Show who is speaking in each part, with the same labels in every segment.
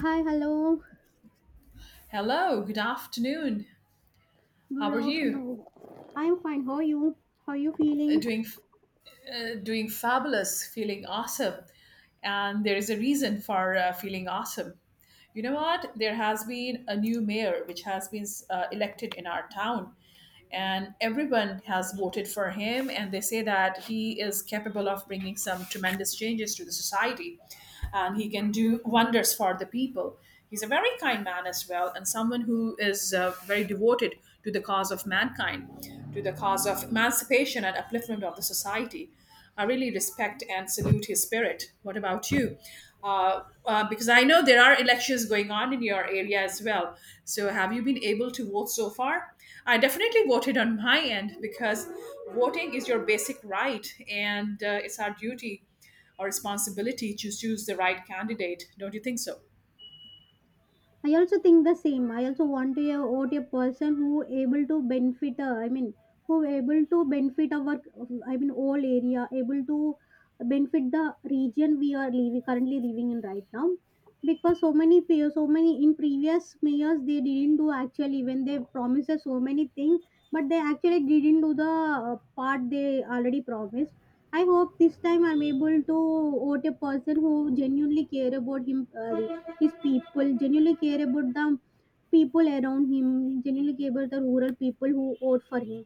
Speaker 1: Hi, hello.
Speaker 2: Hello, good afternoon. How
Speaker 1: Good
Speaker 2: are you?
Speaker 1: afternoon. I'm fine. How are you? How are you
Speaker 2: Uh,
Speaker 1: feeling?
Speaker 2: Doing doing fabulous, feeling awesome. And there is a reason for feeling awesome. You know what? There has been a new mayor which has been elected in our town, and everyone has voted for him, and they say that he is capable of bringing some tremendous changes to the society and he can do wonders for the people. He's a very kind man as well, and someone who is very devoted to the cause of mankind. To the cause of emancipation and upliftment of the society. I really respect and salute his spirit. What about you? Because I know there are elections going on in your area as well. So, have you been able to vote so far? I definitely voted on my end because voting is your basic right, and it's our duty or responsibility to choose the right candidate. Don't you think so?
Speaker 1: I also think the same. I also want to vote a person who able to benefit. I mean, who able to benefit our. I mean, all area able to benefit the region we are living currently living in right now. Because so many in previous mayors they didn't do actually when they promised us so many things, but they actually didn't do the uh, part they already promised. I hope this time I'm able to vote a person who genuinely care about him, his people, genuinely care about the people around him, genuinely care about the rural people who vote for him.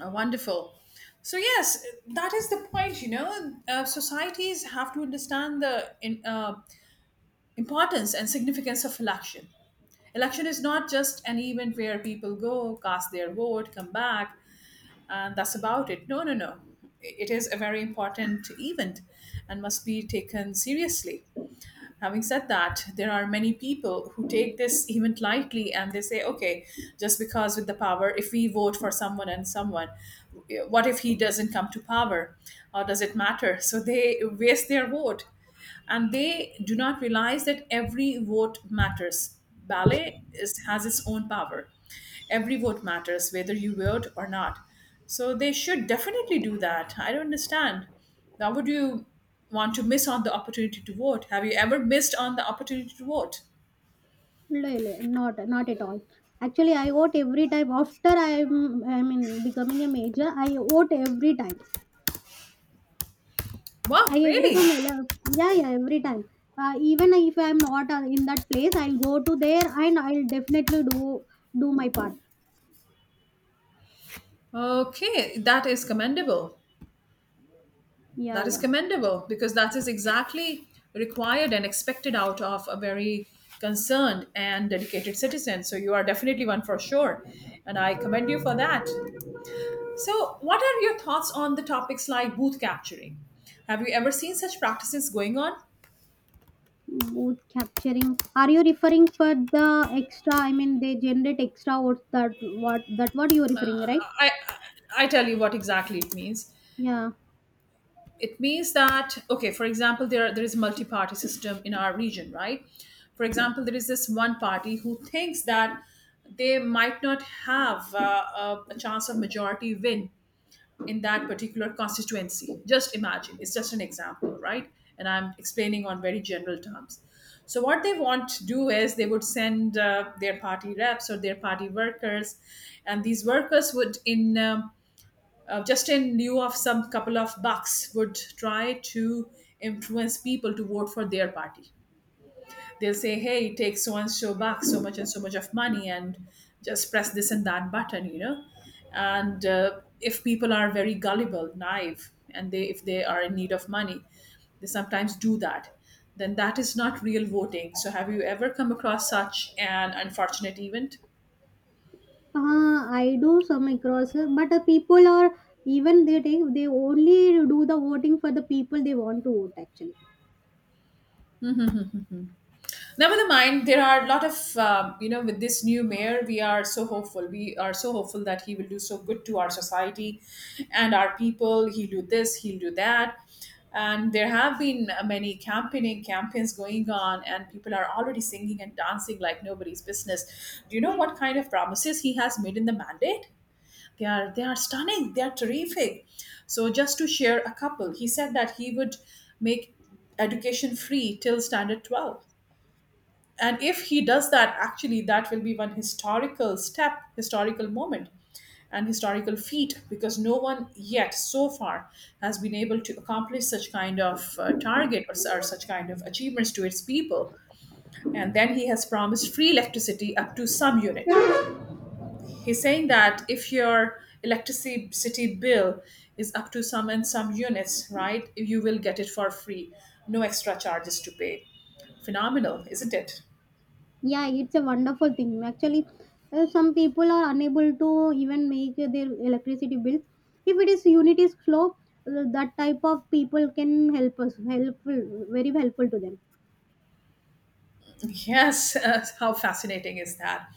Speaker 2: Wonderful. So yes, that is the point. You know, societies have to understand the importance and significance of election. Election is not just an event where people go, cast their vote, come back, and that's about it. No, no, no. It is a very important event and must be taken seriously. Having said that, there are many people who take this event lightly and they say, okay, just because with the power, if we vote for someone and someone, what if he doesn't come to power? Or does it matter? So they waste their vote and they do not realize that every vote matters. Ballet is, has its own power. Every vote matters, whether you vote or not. So they should definitely do that. I don't understand. Why would you want to miss on the opportunity to vote? Have you ever missed on the opportunity to vote?
Speaker 1: Really, not at all. Actually, I vote every time after I mean becoming a major. I vote every time.
Speaker 2: Wow,
Speaker 1: I every
Speaker 2: really?
Speaker 1: time yeah, yeah, every time. Even if I'm not in that place, I'll go to there and I'll definitely do my part.
Speaker 2: Okay, that is commendable.
Speaker 1: Yeah,
Speaker 2: That is
Speaker 1: yeah.
Speaker 2: commendable because that is exactly required and expected out of a very concerned and dedicated citizen. So you are definitely one for sure. And I commend you for that. So, what are your thoughts on the topics like booth capturing? Have you ever seen such practices going on?
Speaker 1: Both capturing. Are you referring for the extra? I mean, they generate extra votes. That what you are referring, right?
Speaker 2: I I tell you what exactly it means.
Speaker 1: Yeah.
Speaker 2: It means that, okay, for example, there is a multi-party system in our region, right? For example, there is this one party who thinks that they might not have a chance of majority win in that particular constituency. Just imagine, it's just an example, right? And I'm explaining on very general terms. So, what they want to do is they would send their party reps or their party workers, and these workers would, in just in lieu of some couple of bucks, would try to influence people to vote for their party. They'll say, hey, it takes so and so bucks, so much and so much of money, and just press this and that button, you know. And if people are very gullible, naive, and they if they are in need of money, they sometimes do that. Then that is not real voting. So, have you ever come across such an unfortunate event?
Speaker 1: I do some across, but the people are even they take they only do the voting for the people they want to vote actually.
Speaker 2: Never mind. There are a lot of you know, with this new mayor, we are so hopeful. We are so hopeful that he will do so good to our society and our people. He'll do this. He'll do that. And there have been many campaigning campaigns going on, and people are already singing and dancing like nobody's business. Do you know what kind of promises he has made in the mandate? They are stunning. They are terrific. So just to share a couple, he said that he would make education free till standard 12, and if he does that, actually that will be one historical step, historical moment, and historical feat, because no one yet so far has been able to accomplish such kind of target or such kind of achievements to its people. And then he has promised free electricity up to some unit. He's saying that if your electricity bill is up to some and some units, right, you will get it for free. No extra charges to pay. Phenomenal, isn't it?
Speaker 1: Yeah, it's a wonderful thing. Actually, some people are unable to even make their electricity bills. If it is unit is slow, that type of people can help us helpful very helpful to them.
Speaker 2: Yes, how fascinating is that?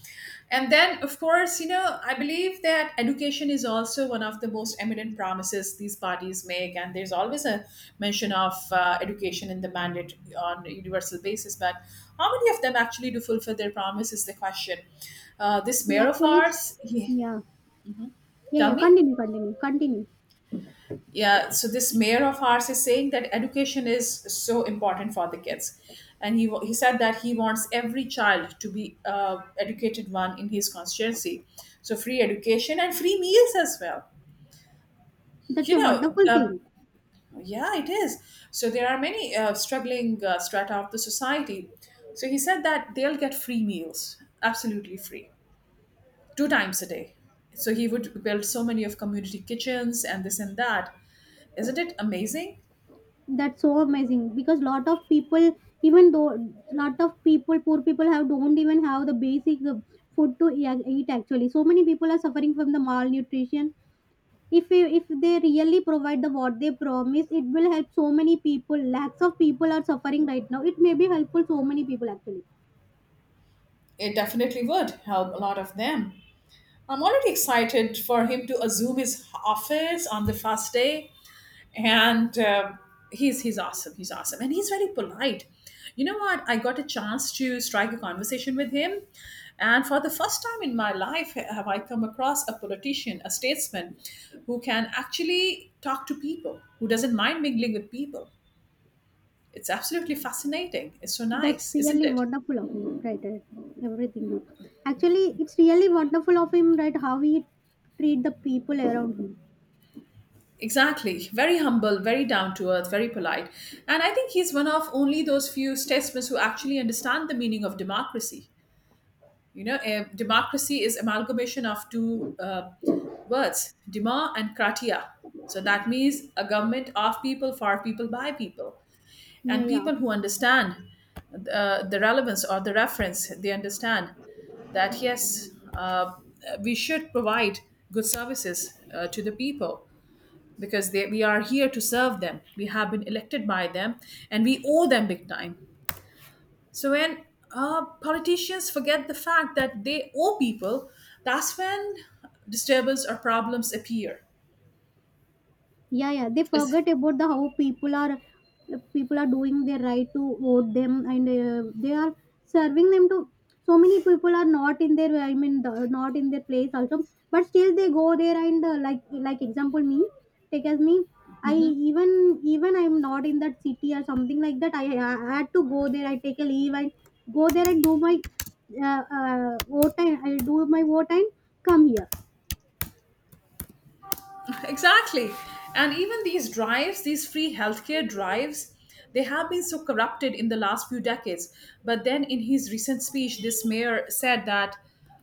Speaker 2: And then, of course, you know, I believe that education is also one of the most eminent promises these parties make. And there's always a mention of education in the mandate on a universal basis. But how many of them actually do fulfill their promise is the question. This
Speaker 1: Yeah,
Speaker 2: mayor of
Speaker 1: actually, it's,
Speaker 2: ours, he,
Speaker 1: yeah, yeah,
Speaker 2: tell
Speaker 1: yeah.
Speaker 2: me.
Speaker 1: Continue, continue, continue.
Speaker 2: Yeah, so this mayor of ours is saying that education is so important for the kids, and he said that he wants every child to be educated one in his constituency. So free education and free meals as well.
Speaker 1: That's
Speaker 2: you
Speaker 1: a
Speaker 2: know
Speaker 1: wonderful
Speaker 2: uh,
Speaker 1: thing.
Speaker 2: yeah, it is. So there are many struggling strata of the society, so he said that they'll get free meals, absolutely free, two times a day. So he would build so many of community kitchens and this and that. Isn't it amazing?
Speaker 1: That's so amazing because lot of people, even though lot of people, poor people have don't even have the basic food to eat. Actually, so many people are suffering from the malnutrition. If they really provide the what they promise, it will help so many people. Lakhs of people are suffering right now. It may be helpful so many people actually.
Speaker 2: It definitely would help a lot of them. I'm already excited for him to assume his office on the first day, and he's awesome. He's awesome, and he's very polite. You know what? I got a chance to strike a conversation with him, and for the first time in my life, have I come across a politician, a statesman, who can actually talk to people, who doesn't mind mingling with people. It's absolutely fascinating. It's so
Speaker 1: That's
Speaker 2: nice, isn't
Speaker 1: really
Speaker 2: it?
Speaker 1: wonderful of him, right? Right. Everything good. Actually, it's really wonderful of him, right? How he treat the people around him.
Speaker 2: Exactly. Very humble, very down to earth, very polite. And I think he's one of only those few statesmen who actually understand the meaning of democracy. You know, democracy is amalgamation of two words, dema and kratia. So that means a government of people, for people, by people.
Speaker 1: Yeah,
Speaker 2: And
Speaker 1: yeah.
Speaker 2: people who understand the relevance or the reference, they understand that yes, we should provide good services to the people, because we are here to serve them. We have been elected by them, and we owe them big time. So when politicians forget the fact that they owe people, that's when disturbance or problems appear.
Speaker 1: Yeah, yeah, they
Speaker 2: It's,
Speaker 1: forget about the how people are, people are doing their right to vote them and they are serving them to so many people are not in their I mean the, not in their place also, but still they go there and like example me, take as me. I even I'm not in that city or something like that, I had to go there, I take a leave and go there and do my vote, and I do my vote and come here.
Speaker 2: exactly. And even these drives, these free healthcare drives, they have been so corrupted in the last few decades. But then in his recent speech, this mayor said that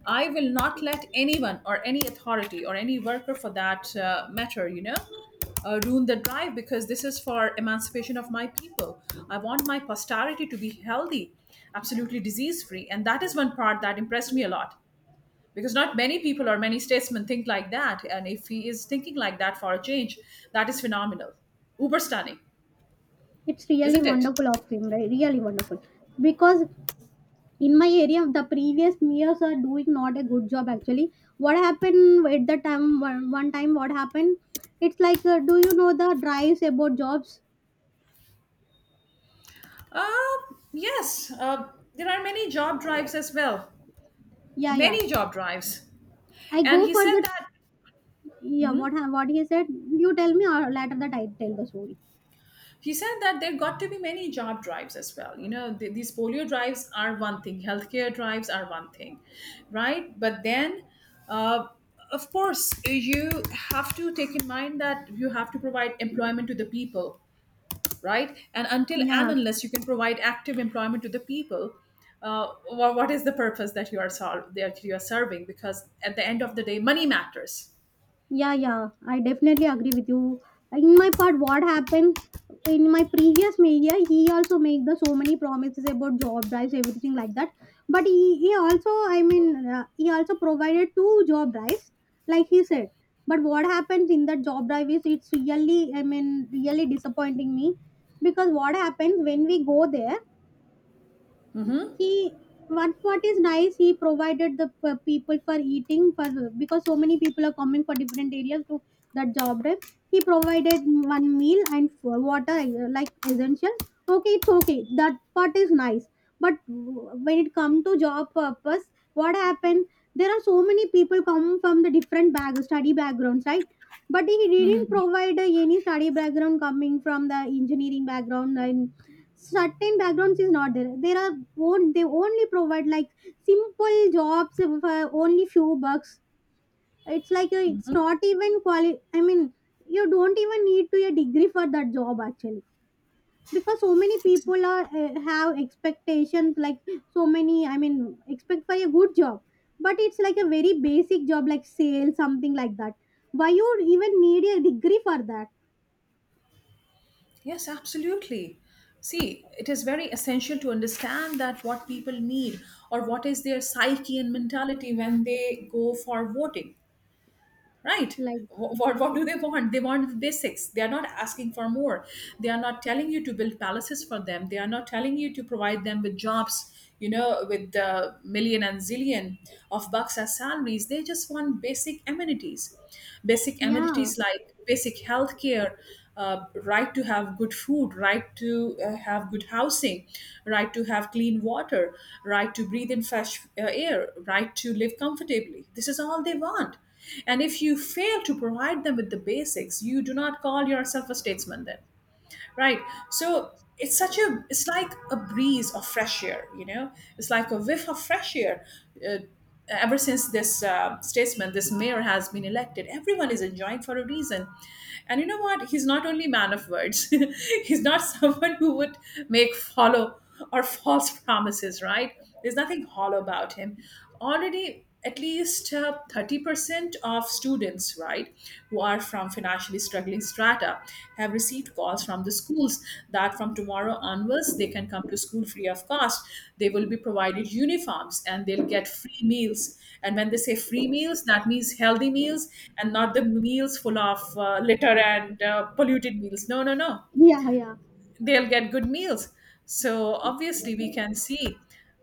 Speaker 2: I will not let anyone or any authority or any worker for that matter, ruin the drive, because this is for emancipation of my people. I want my posterity to be healthy, absolutely disease free. And that is one part that impressed me a lot, because not many people or many statesmen think like that, and if he is thinking like that for a change, that is phenomenal, uber stunning,
Speaker 1: It's really
Speaker 2: isn't it?
Speaker 1: wonderful of him, right? Really wonderful. Because in my area the previous mayors are doing not a good job actually. What happened at the time, one time what happened, it's like, do you know the drives about jobs?
Speaker 2: uh, yes, there are many job drives as well,
Speaker 1: Yeah, yeah.
Speaker 2: many job drives.
Speaker 1: I
Speaker 2: And
Speaker 1: go
Speaker 2: he
Speaker 1: for
Speaker 2: said
Speaker 1: the,
Speaker 2: that
Speaker 1: yeah, what he said you tell me, or later that I tell the story.
Speaker 2: he said that there got to be many job drives as well. You know, these polio drives are one thing, healthcare drives are one thing, right? But then uh, of course you have to take in mind that you have to provide employment to the people, right? And until and
Speaker 1: Yeah.
Speaker 2: unless you can provide active employment to the people, what is the purpose that you are serving? Because at the end of the day, money matters.
Speaker 1: Yeah, yeah, I definitely agree with you. In my part, what happened in my previous media, he also made the so many promises about job drives, everything like that. But he also, I mean, he also provided two job drives, like he said. But what happens in that job drive is it's really, I mean, really disappointing me. Because what happens when we go there,
Speaker 2: hmm
Speaker 1: he, one part is nice, he provided the people for eating, for because so many people are coming for different areas to that job drive. He provided one meal and water, like essential. Okay, it's okay, that part is nice. But when it come to job purpose, what happened, there are so many people come from the different bag study backgrounds, right? But he didn't provide any study background coming from the engineering background and certain backgrounds is not there. There are will they only provide like simple jobs for only few bucks. It's like a, it's not even quali I mean, you don't even need to a degree for that job actually. Because so many people are have expectations like so many, I mean, expect for a good job, but it's like a very basic job like sales something like that. Why you even need a degree for that?
Speaker 2: Yes, absolutely. See, it is very essential to understand that what people need or what is their psyche and mentality when they go for voting, right?
Speaker 1: Like,
Speaker 2: What
Speaker 1: I,
Speaker 2: do they want? They want the basics. They are not asking for more. They are not telling you to build palaces for them. They are not telling you to provide them with jobs, you know, with the million and zillion of bucks as salaries. They just want basic amenities. Basic
Speaker 1: yeah,
Speaker 2: amenities like basic health care, right to have good food, right to have good housing, right to have clean water, right to breathe in fresh air, right to live comfortably. This is all they want. And if you fail to provide them with the basics, you do not call yourself a statesman then, right? So it's like a breeze of fresh air, you know? It's like a whiff of fresh air. Uh, Ever since this statesman, this mayor has been elected, everyone is enjoying for a reason. And you know what? He's not only man of words. He's not someone who would make follow or false promises, right? There's nothing hollow about him. Already at least 30% of students, right, who are from financially struggling strata have received calls from the schools that from tomorrow onwards they can come to school free of cost. They will be provided uniforms and they'll get free meals, and when they say free meals that means healthy meals and not the meals full of litter and polluted meals. No, no, no,
Speaker 1: yeah, yeah.
Speaker 2: they'll get good meals. So obviously we can see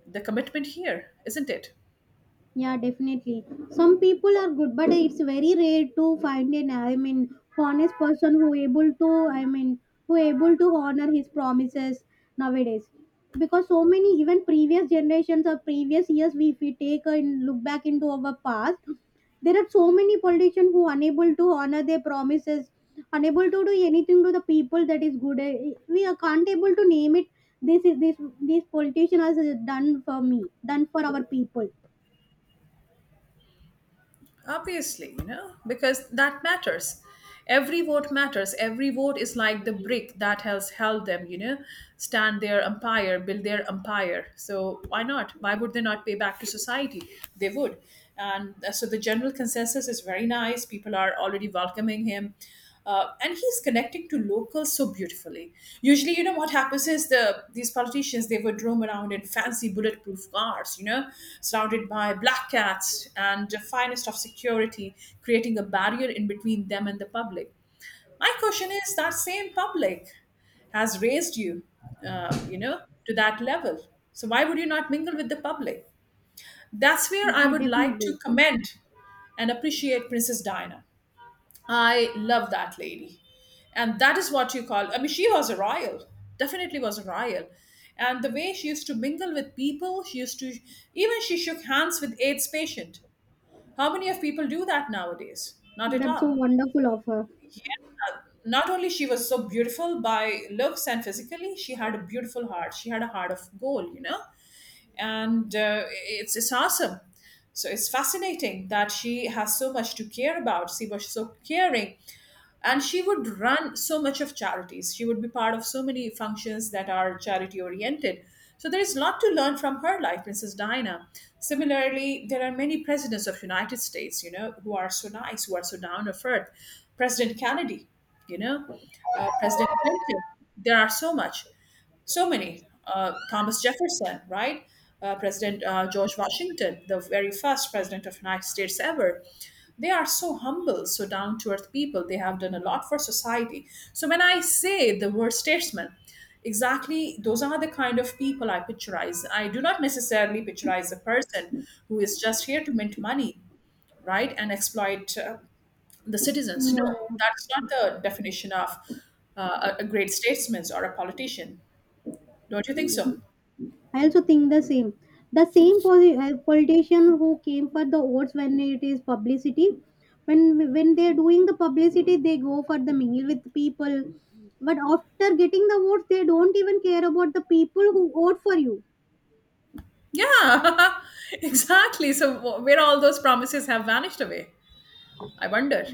Speaker 2: the commitment here, isn't it?
Speaker 1: Yeah, definitely. Some people are good, but it's very rare to find an, I mean, honest person who able to, I mean, who able to honor his promises nowadays. Because so many, even previous generations or previous years, if we take and look back into our past, there are so many politicians who unable to honor their promises, unable to do anything to the people that is good. Eh, we are can't able to name it. This is this politician has done for me, done for our people.
Speaker 2: Obviously, you know, because that matters. Every vote matters, every vote is like the brick that has held them, you know, stand their empire, build their empire. So why not? Why would they not pay back to society? They would. And so the general consensus is very nice, people are already welcoming him. And he's connecting to locals so beautifully. Usually, you know what happens is these politicians, they would roam around in fancy bulletproof cars, you know, surrounded by black cats and the finest of security, creating a barrier in between them and the public. My question is that same public has raised you, to that level. So why would you not mingle with the public? That's where I
Speaker 1: I
Speaker 2: would like to
Speaker 1: definitely.
Speaker 2: commend and appreciate Princess Diana. I love that lady. And that is what you call, I mean, she was a royal, definitely was a royal. And the way she used to mingle with people, she used to, even she shook hands with AIDS patient. How many of people do that nowadays? Not at
Speaker 1: That's so
Speaker 2: all.
Speaker 1: wonderful of her.
Speaker 2: Not only she was so beautiful by looks and physically, she had a beautiful heart. She had a heart of gold, you know? And it's awesome. So it's fascinating that she has so much to care about. She was so caring, and she would run so much of charities, she would be part of so many functions that are charity oriented. So there is a lot to learn from her life, Mrs. Diana. Similarly, there are many presidents of United States, you know, who are so nice, who are so down to earth. President Kennedy, you know, President Clinton, there are so much, so many. Thomas Jefferson, right? President George Washington, the very first president of United States ever. They are so humble, so down to earth people. They have done a lot for society. So when I say the word statesman, exactly those are the kind of people I picturize. I do not necessarily picturize a person who is just here to mint money, right, and exploit the citizens. No,
Speaker 1: Yeah,
Speaker 2: that's not the definition of a great statesman or a politician. Don't you think so?
Speaker 1: I also think the same. The same politician who came for the votes when it is publicity, when they are doing the publicity, they go for the mingle with people. But after getting the votes, they don't even care about the people who vote for you.
Speaker 2: Yeah, exactly. So, where all those promises have vanished away, I wonder.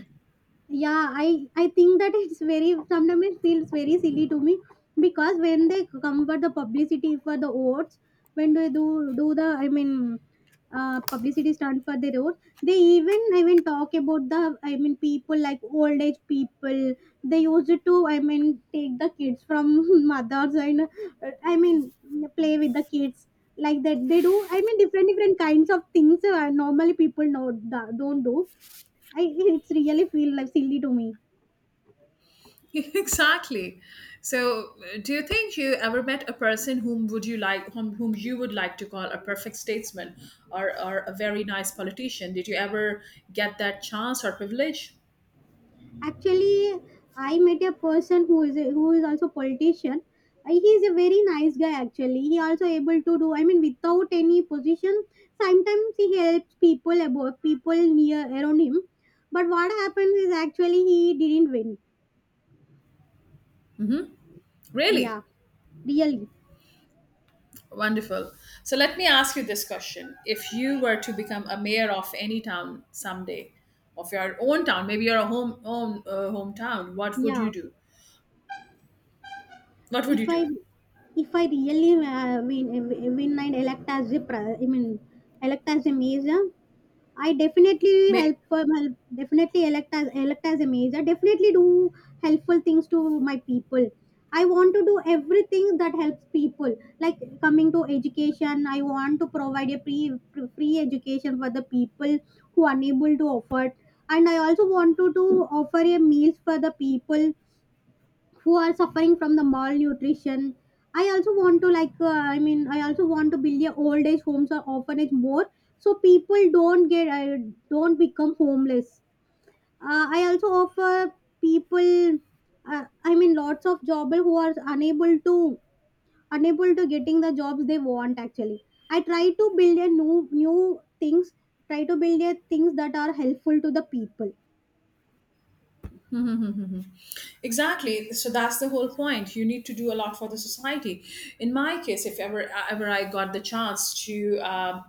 Speaker 1: Yeah, I think that it's very sometimes it feels very silly to me. Because when they come for the publicity for the oats, when they do the I mean, publicity stunt for their oats, they even, I mean, talk about the, I mean, people like old age people, they used to, I mean, take the kids from mothers and I mean, play with the kids, like that they do, I mean, different kinds of things normally people know don't do. I, it's really feel like silly to me.
Speaker 2: Exactly. So, do you think you ever met a person whom would you like, whom you would like to call a perfect statesman or a very nice politician? Did you ever get that chance or privilege?
Speaker 1: Actually, I met a person who is a, who is also politician. He is a very nice guy. Actually, he also able to do, I mean, without any position, sometimes he helps people about people near around him. But what happens is actually he didn't win.
Speaker 2: Really?
Speaker 1: Yeah, really.
Speaker 2: Wonderful. So, let me ask you this question. If you were to become a mayor of any town someday, of your own town, maybe your home, own hometown, what would you
Speaker 1: Yeah,
Speaker 2: do? What would
Speaker 1: if
Speaker 2: you
Speaker 1: I
Speaker 2: do?
Speaker 1: if I really win and elect as a I mean, elect as a mayor, I definitely
Speaker 2: May,
Speaker 1: help definitely elect as a major. Definitely do helpful things to my people. I want to do everything that helps people, like coming to education. I want to provide a free education for the people who are unable to afford, and I also want to do offer a meals for the people who are suffering from the malnutrition. I also want to, like, I mean, I also want to build a old age homes or orphanage more, so people don't get don't become homeless. I also offer people, uh, I mean, lots of job who are unable to, unable to getting the jobs they want actually. I try to build a new new things, try to build a things that are helpful to the people.
Speaker 2: exactly. So that's the whole point. You need to do a lot for the society. In my case, if ever I got the chance to uh,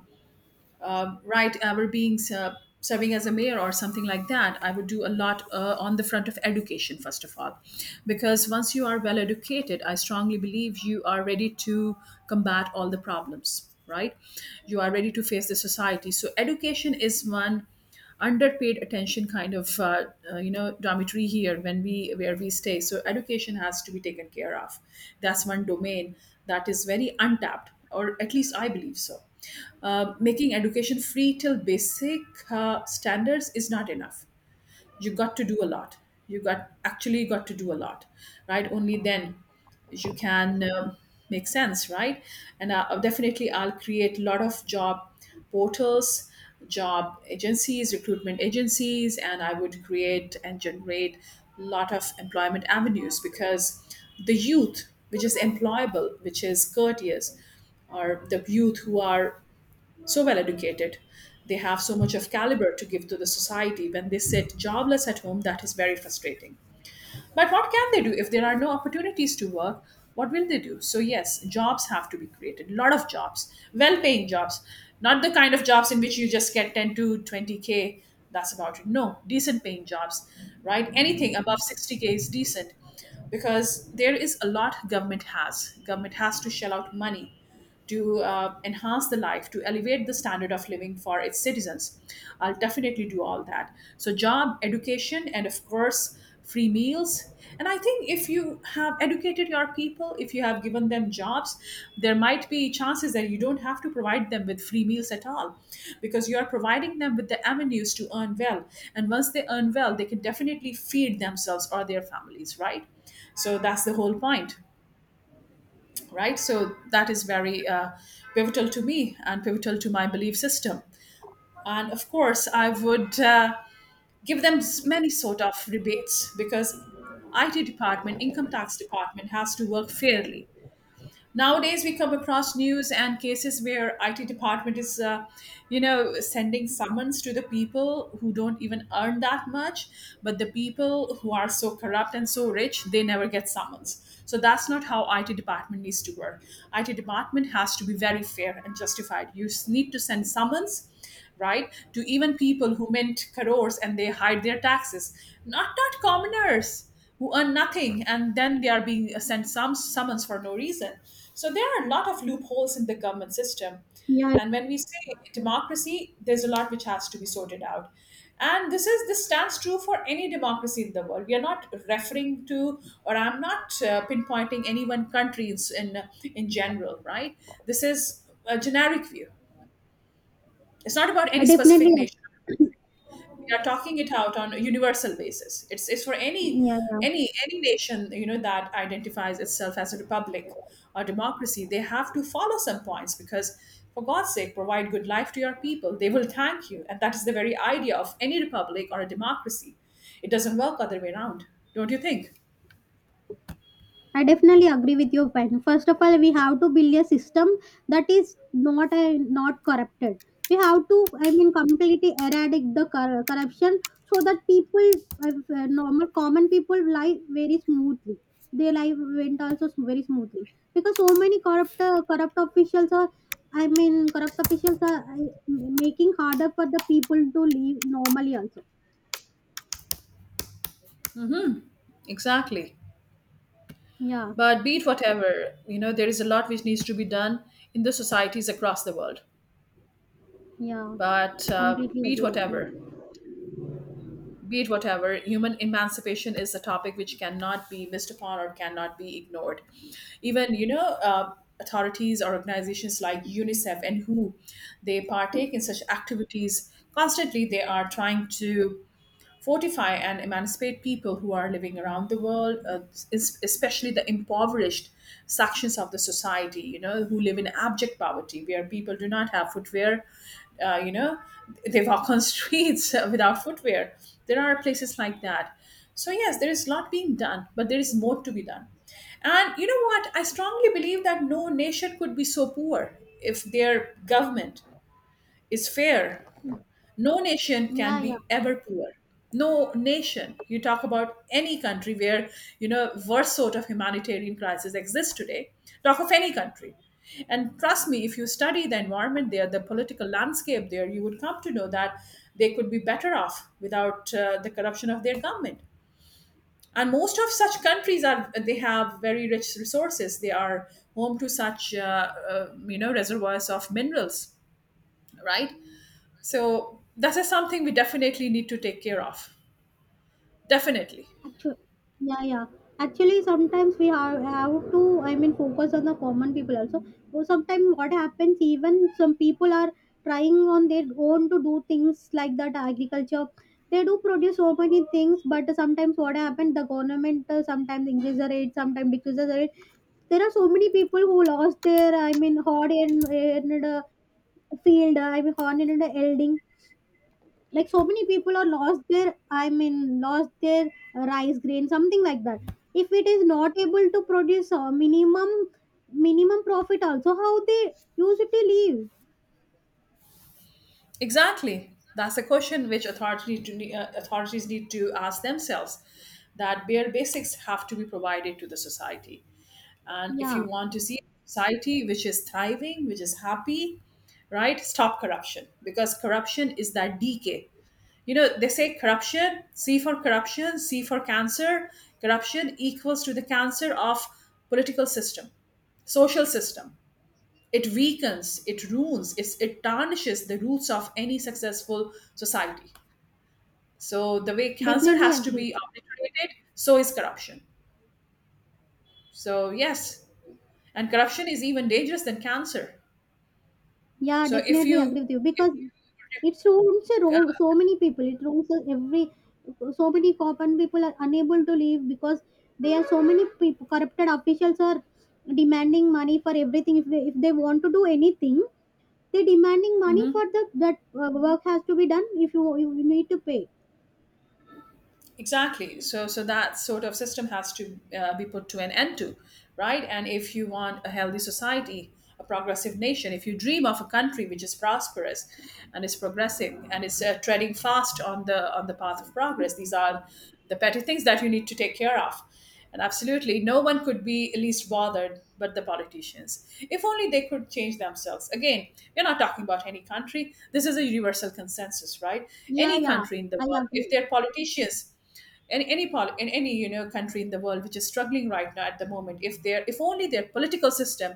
Speaker 2: uh, write ever being serving as a mayor or something like that, I would do a lot on the front of education first of all, because once you are well educated, I strongly believe you are ready to combat all the problems. Right, you are ready to face the society. So education is one. Underpaid attention kind of you know, dormitory here when we where we stay. So education has to be taken care of. That's one domain that is very untapped, or at least I believe so. Making education free till basic standards is not enough. You got to do a lot. You got actually got to do a lot, right? Only then you can make sense, right? And I'll definitely, I'll create a lot of job portals, job agencies, recruitment agencies, and I would create and generate a lot of employment avenues, because the youth which is employable, which is courteous, or the youth who are so well educated. They have so much of caliber to give to the society. When they sit jobless at home, that is very frustrating. But what can they do if there are no opportunities to work? What will they do? So, yes, jobs have to be created, a lot of jobs, well paying jobs, not the kind of jobs in which you just get 10 to 20K. That's about it. No, decent paying jobs, right? Anything above 60K is decent, because there is a lot government has to shell out money to enhance the life, to elevate the standard of living for its citizens. I'll definitely do all that. So, job, education, and of course, free meals. And I think if you have educated your people, if you have given them jobs, there might be chances that you don't have to provide them with free meals at all, because you are providing them with the avenues to earn well. And once they earn well, they can definitely feed themselves or their families, right? So, that's the whole point, right? So that is very pivotal to me and pivotal to my belief system. And of course, I would give them many sort of rebates, because IT department, income tax department has to work fairly. Nowadays, we come across news and cases where IT department is, you know, sending summons to the people who don't even earn that much, but the people who are so corrupt and so rich, they never get summons. So that's not how IT department needs to work. IT department has to be very fair and justified. You need to send summons, right? To even people who mint crores and they hide their taxes, not commoners who earn nothing and then they are being sent some summons for no reason. So there are a lot of loopholes in the government system.
Speaker 1: Yeah.
Speaker 2: And when we say democracy, there's a lot which has to be sorted out. And this stands true for any democracy in the world. We are not referring to, or I'm not pinpointing any one country in, in in general, right? This is a generic view. It's not about any
Speaker 1: I
Speaker 2: specific
Speaker 1: definitely.
Speaker 2: nation. We are talking it out on a universal basis. It's for any
Speaker 1: Yeah, yeah,
Speaker 2: any any nation, you know, that identifies itself as a republic or democracy. They have to follow some points because, for God's sake, provide good life to your people. They will thank you, and that is the very idea of any republic or a democracy. It doesn't work other way around, don't you think?
Speaker 1: I definitely agree with your point. First of all, we have to build a system that is not not corrupted. We have to, I mean, completely eradicate the corruption so that people, uh, normal common people, live very smoothly. Their life went also very smoothly. Because so many corrupt corrupt officials are, I mean, corrupt officials are making harder for the people to live normally also.
Speaker 2: Exactly.
Speaker 1: Yeah,
Speaker 2: But be it whatever, you know, there is a lot which needs to be done in the societies across the world.
Speaker 1: yeah,
Speaker 2: But uh,
Speaker 1: completely
Speaker 2: be it
Speaker 1: agree with
Speaker 2: whatever,
Speaker 1: you.
Speaker 2: be it whatever, human emancipation is a topic which cannot be missed upon or cannot be ignored. Even, you know, authorities or organizations like UNICEF and WHO, they partake in such activities constantly. They are trying to fortify and emancipate people who are living around the world, especially the impoverished sections of the society, you know, who live in abject poverty, where people do not have footwear, you know, they walk on streets without footwear. There are places like that. So, yes, there is a lot being done, but there is more to be done. And you know what? I strongly believe that no nation could be so poor if their government is fair. No nation can
Speaker 1: Yeah, yeah.
Speaker 2: be ever poor. No nation, you talk about any country where, you know, worse sort of humanitarian crisis exists today, talk of any country, and trust me, if you study the environment there, the political landscape there, you would come to know that they could be better off without the corruption of their government. And most of such countries are, they have very rich resources, they are home to such you know, reservoirs of minerals, right? So that is something we definitely need to take care of. Definitely.
Speaker 1: Actually, yeah, yeah. Actually, sometimes we have to, I mean, focus on the common people also. Or sometimes what happens, even some people are trying on their own to do things like that agriculture. They do produce so many things, but sometimes what happens, the government sometimes increases the rate, sometimes decreases the rate. There are so many people who lost their, I mean, in the field, I mean, hard in the elding. Like so many people are lost their, I mean, lost their rice grain something like that. If it is not able to produce a minimum profit also, how they usually leave?
Speaker 2: Exactly. That's a question which authorities need to ask themselves, that bare basics have to be provided to the society. And if you
Speaker 1: Yeah,
Speaker 2: want to see a society which is thriving, which is happy, right, stop corruption, because corruption is that decay. You know, they say corruption, C for cancer. Corruption equals to the cancer of political system, social system. It weakens, it ruins, it tarnishes the roots of any successful society. So, the way cancer
Speaker 1: definitely
Speaker 2: has to
Speaker 1: agree.
Speaker 2: be obliterated, so is corruption. So, yes, and corruption is even dangerous than cancer.
Speaker 1: Yeah,
Speaker 2: So, if
Speaker 1: definitely
Speaker 2: you,
Speaker 1: agree with you.
Speaker 2: if
Speaker 1: Because
Speaker 2: you
Speaker 1: it ruins a so many people, it ruins every so many common people are unable to leave. Because there are so many people corrupted officials are demanding money for everything. If they want to do anything, they're demanding money for the that work has to be done. If you, you need to pay.
Speaker 2: Exactly. So that sort of system has to be put to an end to, right? And if you want a healthy society, a progressive nation, if you dream of a country which is prosperous and is progressing and is treading fast on the path of progress, these are the petty things that you need to take care of. And absolutely, no one could be least bothered but the politicians. If only they could change themselves. Again, we're not talking about any country. This is a universal consensus, right?
Speaker 1: Yeah,
Speaker 2: Any
Speaker 1: yeah,
Speaker 2: country in the
Speaker 1: I
Speaker 2: world, if
Speaker 1: agree.
Speaker 2: their politicians in any country in the world which is struggling right now at the moment, if their, if only their political system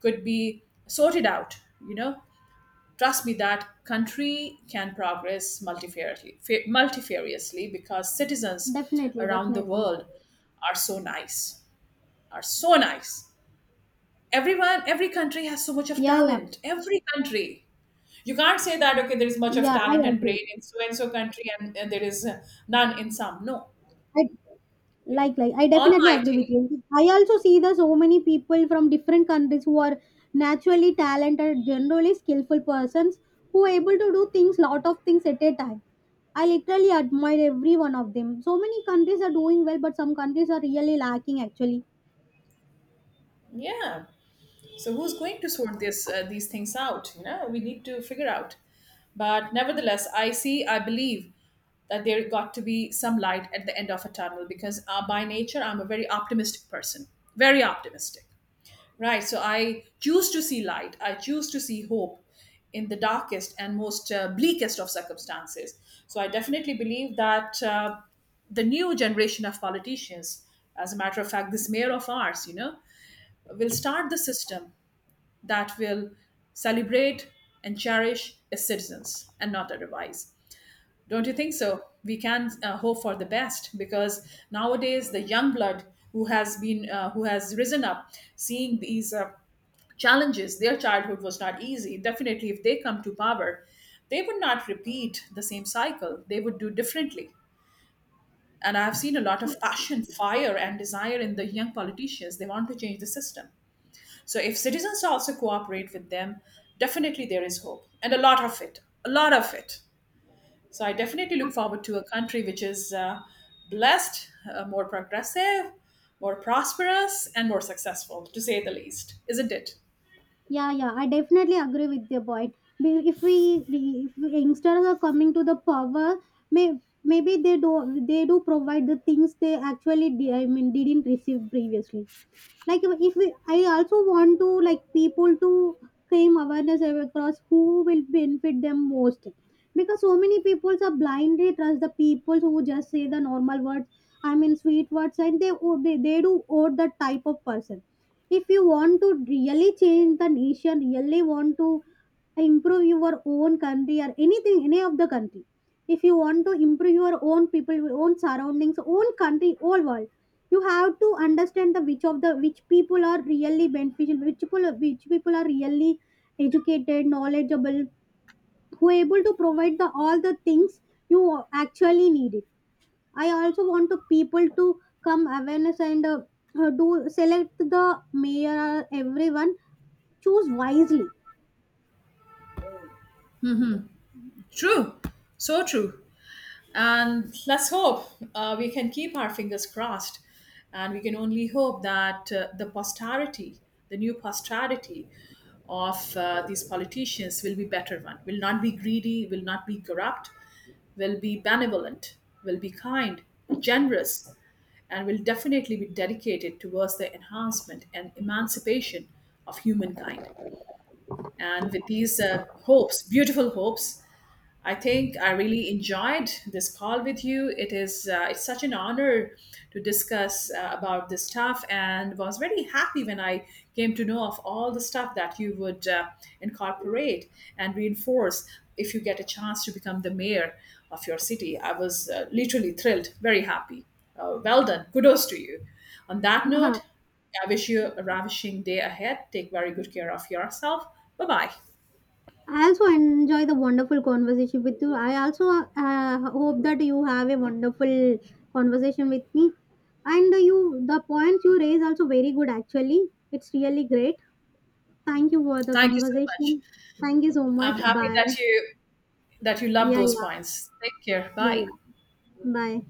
Speaker 2: could be sorted out, you know trust me, that country can progress multifariously, because citizens
Speaker 1: Definitely,
Speaker 2: around the
Speaker 1: definitely.
Speaker 2: world are so nice, are so nice. Everyone, every country has so much of
Speaker 1: Yeah, yeah,
Speaker 2: talent. Every country, you can't say that, okay, there is much of
Speaker 1: yeah,
Speaker 2: talent
Speaker 1: I
Speaker 2: and
Speaker 1: agree.
Speaker 2: brain in so and so country, and there is none in some. No.
Speaker 1: I, like I definitely agree with you.
Speaker 2: Almighty.
Speaker 1: I also see the so many people from different countries who are naturally talented, generally skillful persons who are able to do things, lot of things at a time. I literally admire every one of them. So many countries are doing well, but some countries are really lacking actually.
Speaker 2: Yeah. So who's going to sort this these things out? You know, we need to figure out. But nevertheless, I see, I believe that there got to be some light at the end of a tunnel, because by nature I'm a very optimistic person, very optimistic. Right. So I choose to see light. I choose to see hope in the darkest and most bleakest of circumstances. So I definitely believe that the new generation of politicians, as a matter of fact, this mayor of ours, you know, will start the system that will celebrate and cherish its citizens and not otherwise. Don't you think so? We can hope for the best, because nowadays the young blood who has been who has risen up, seeing these challenges, their childhood was not easy. Definitely, if they come to power, they would not repeat the same cycle. They would do differently. And I have seen a lot of passion, fire, and desire in the young politicians. They want to change the system. So if citizens also cooperate with them, definitely there is hope, and a lot of it, a lot of it. So I definitely look forward to a country which is blessed, more progressive, more prosperous, and more successful, to say the least, isn't it?
Speaker 1: Yeah, yeah, I definitely agree with your point. If we, re- if youngsters are coming to the power, maybe they do, they do provide the things they actually, I mean, didn't receive previously. Like, if we, I also want to, like, people to claim awareness across who will benefit them most. Because so many people are blindly trust the people who just say the normal words, I mean, sweet words, and they oh, they do owe the type of person. If you want to really change the nation, really want to improve your own country or anything any of the country, if you want to improve your own people, your own surroundings, own country, whole world, you have to understand the which of the which people are really beneficial, which people are really educated, knowledgeable, who are able to provide the all the things you actually need it. I also want the people to come awareness and do select the mayor. Everyone choose wisely.
Speaker 2: True, so true. And let's hope we can keep our fingers crossed. And we can only hope that the posterity, the new posterity of these politicians will be better one, will not be greedy, will not be corrupt, will be benevolent, will be kind, generous, and will definitely be dedicated towards the enhancement and emancipation of humankind. And with these hopes, beautiful hopes, I think I really enjoyed this call with you. It is it's such an honor to discuss about this stuff, and was very happy when I came to know of all the stuff that you would incorporate and reinforce if you get a chance to become the mayor of your city. I was literally thrilled, very happy. Well done, kudos to you. On that note, I wish you a ravishing day ahead. Take very good care of yourself. Bye bye.
Speaker 1: I also enjoy the wonderful conversation with you. I also hope that you have a wonderful conversation with me. And you, the points you raise also very good. Actually, it's really great. Thank you for the
Speaker 2: Thank you so much.
Speaker 1: conversation. Thank you so
Speaker 2: I'm
Speaker 1: much.
Speaker 2: happy
Speaker 1: Bye.
Speaker 2: that you love
Speaker 1: Yeah,
Speaker 2: those
Speaker 1: yeah,
Speaker 2: points. Take care.
Speaker 1: yeah, yeah.
Speaker 2: Bye.
Speaker 1: Bye.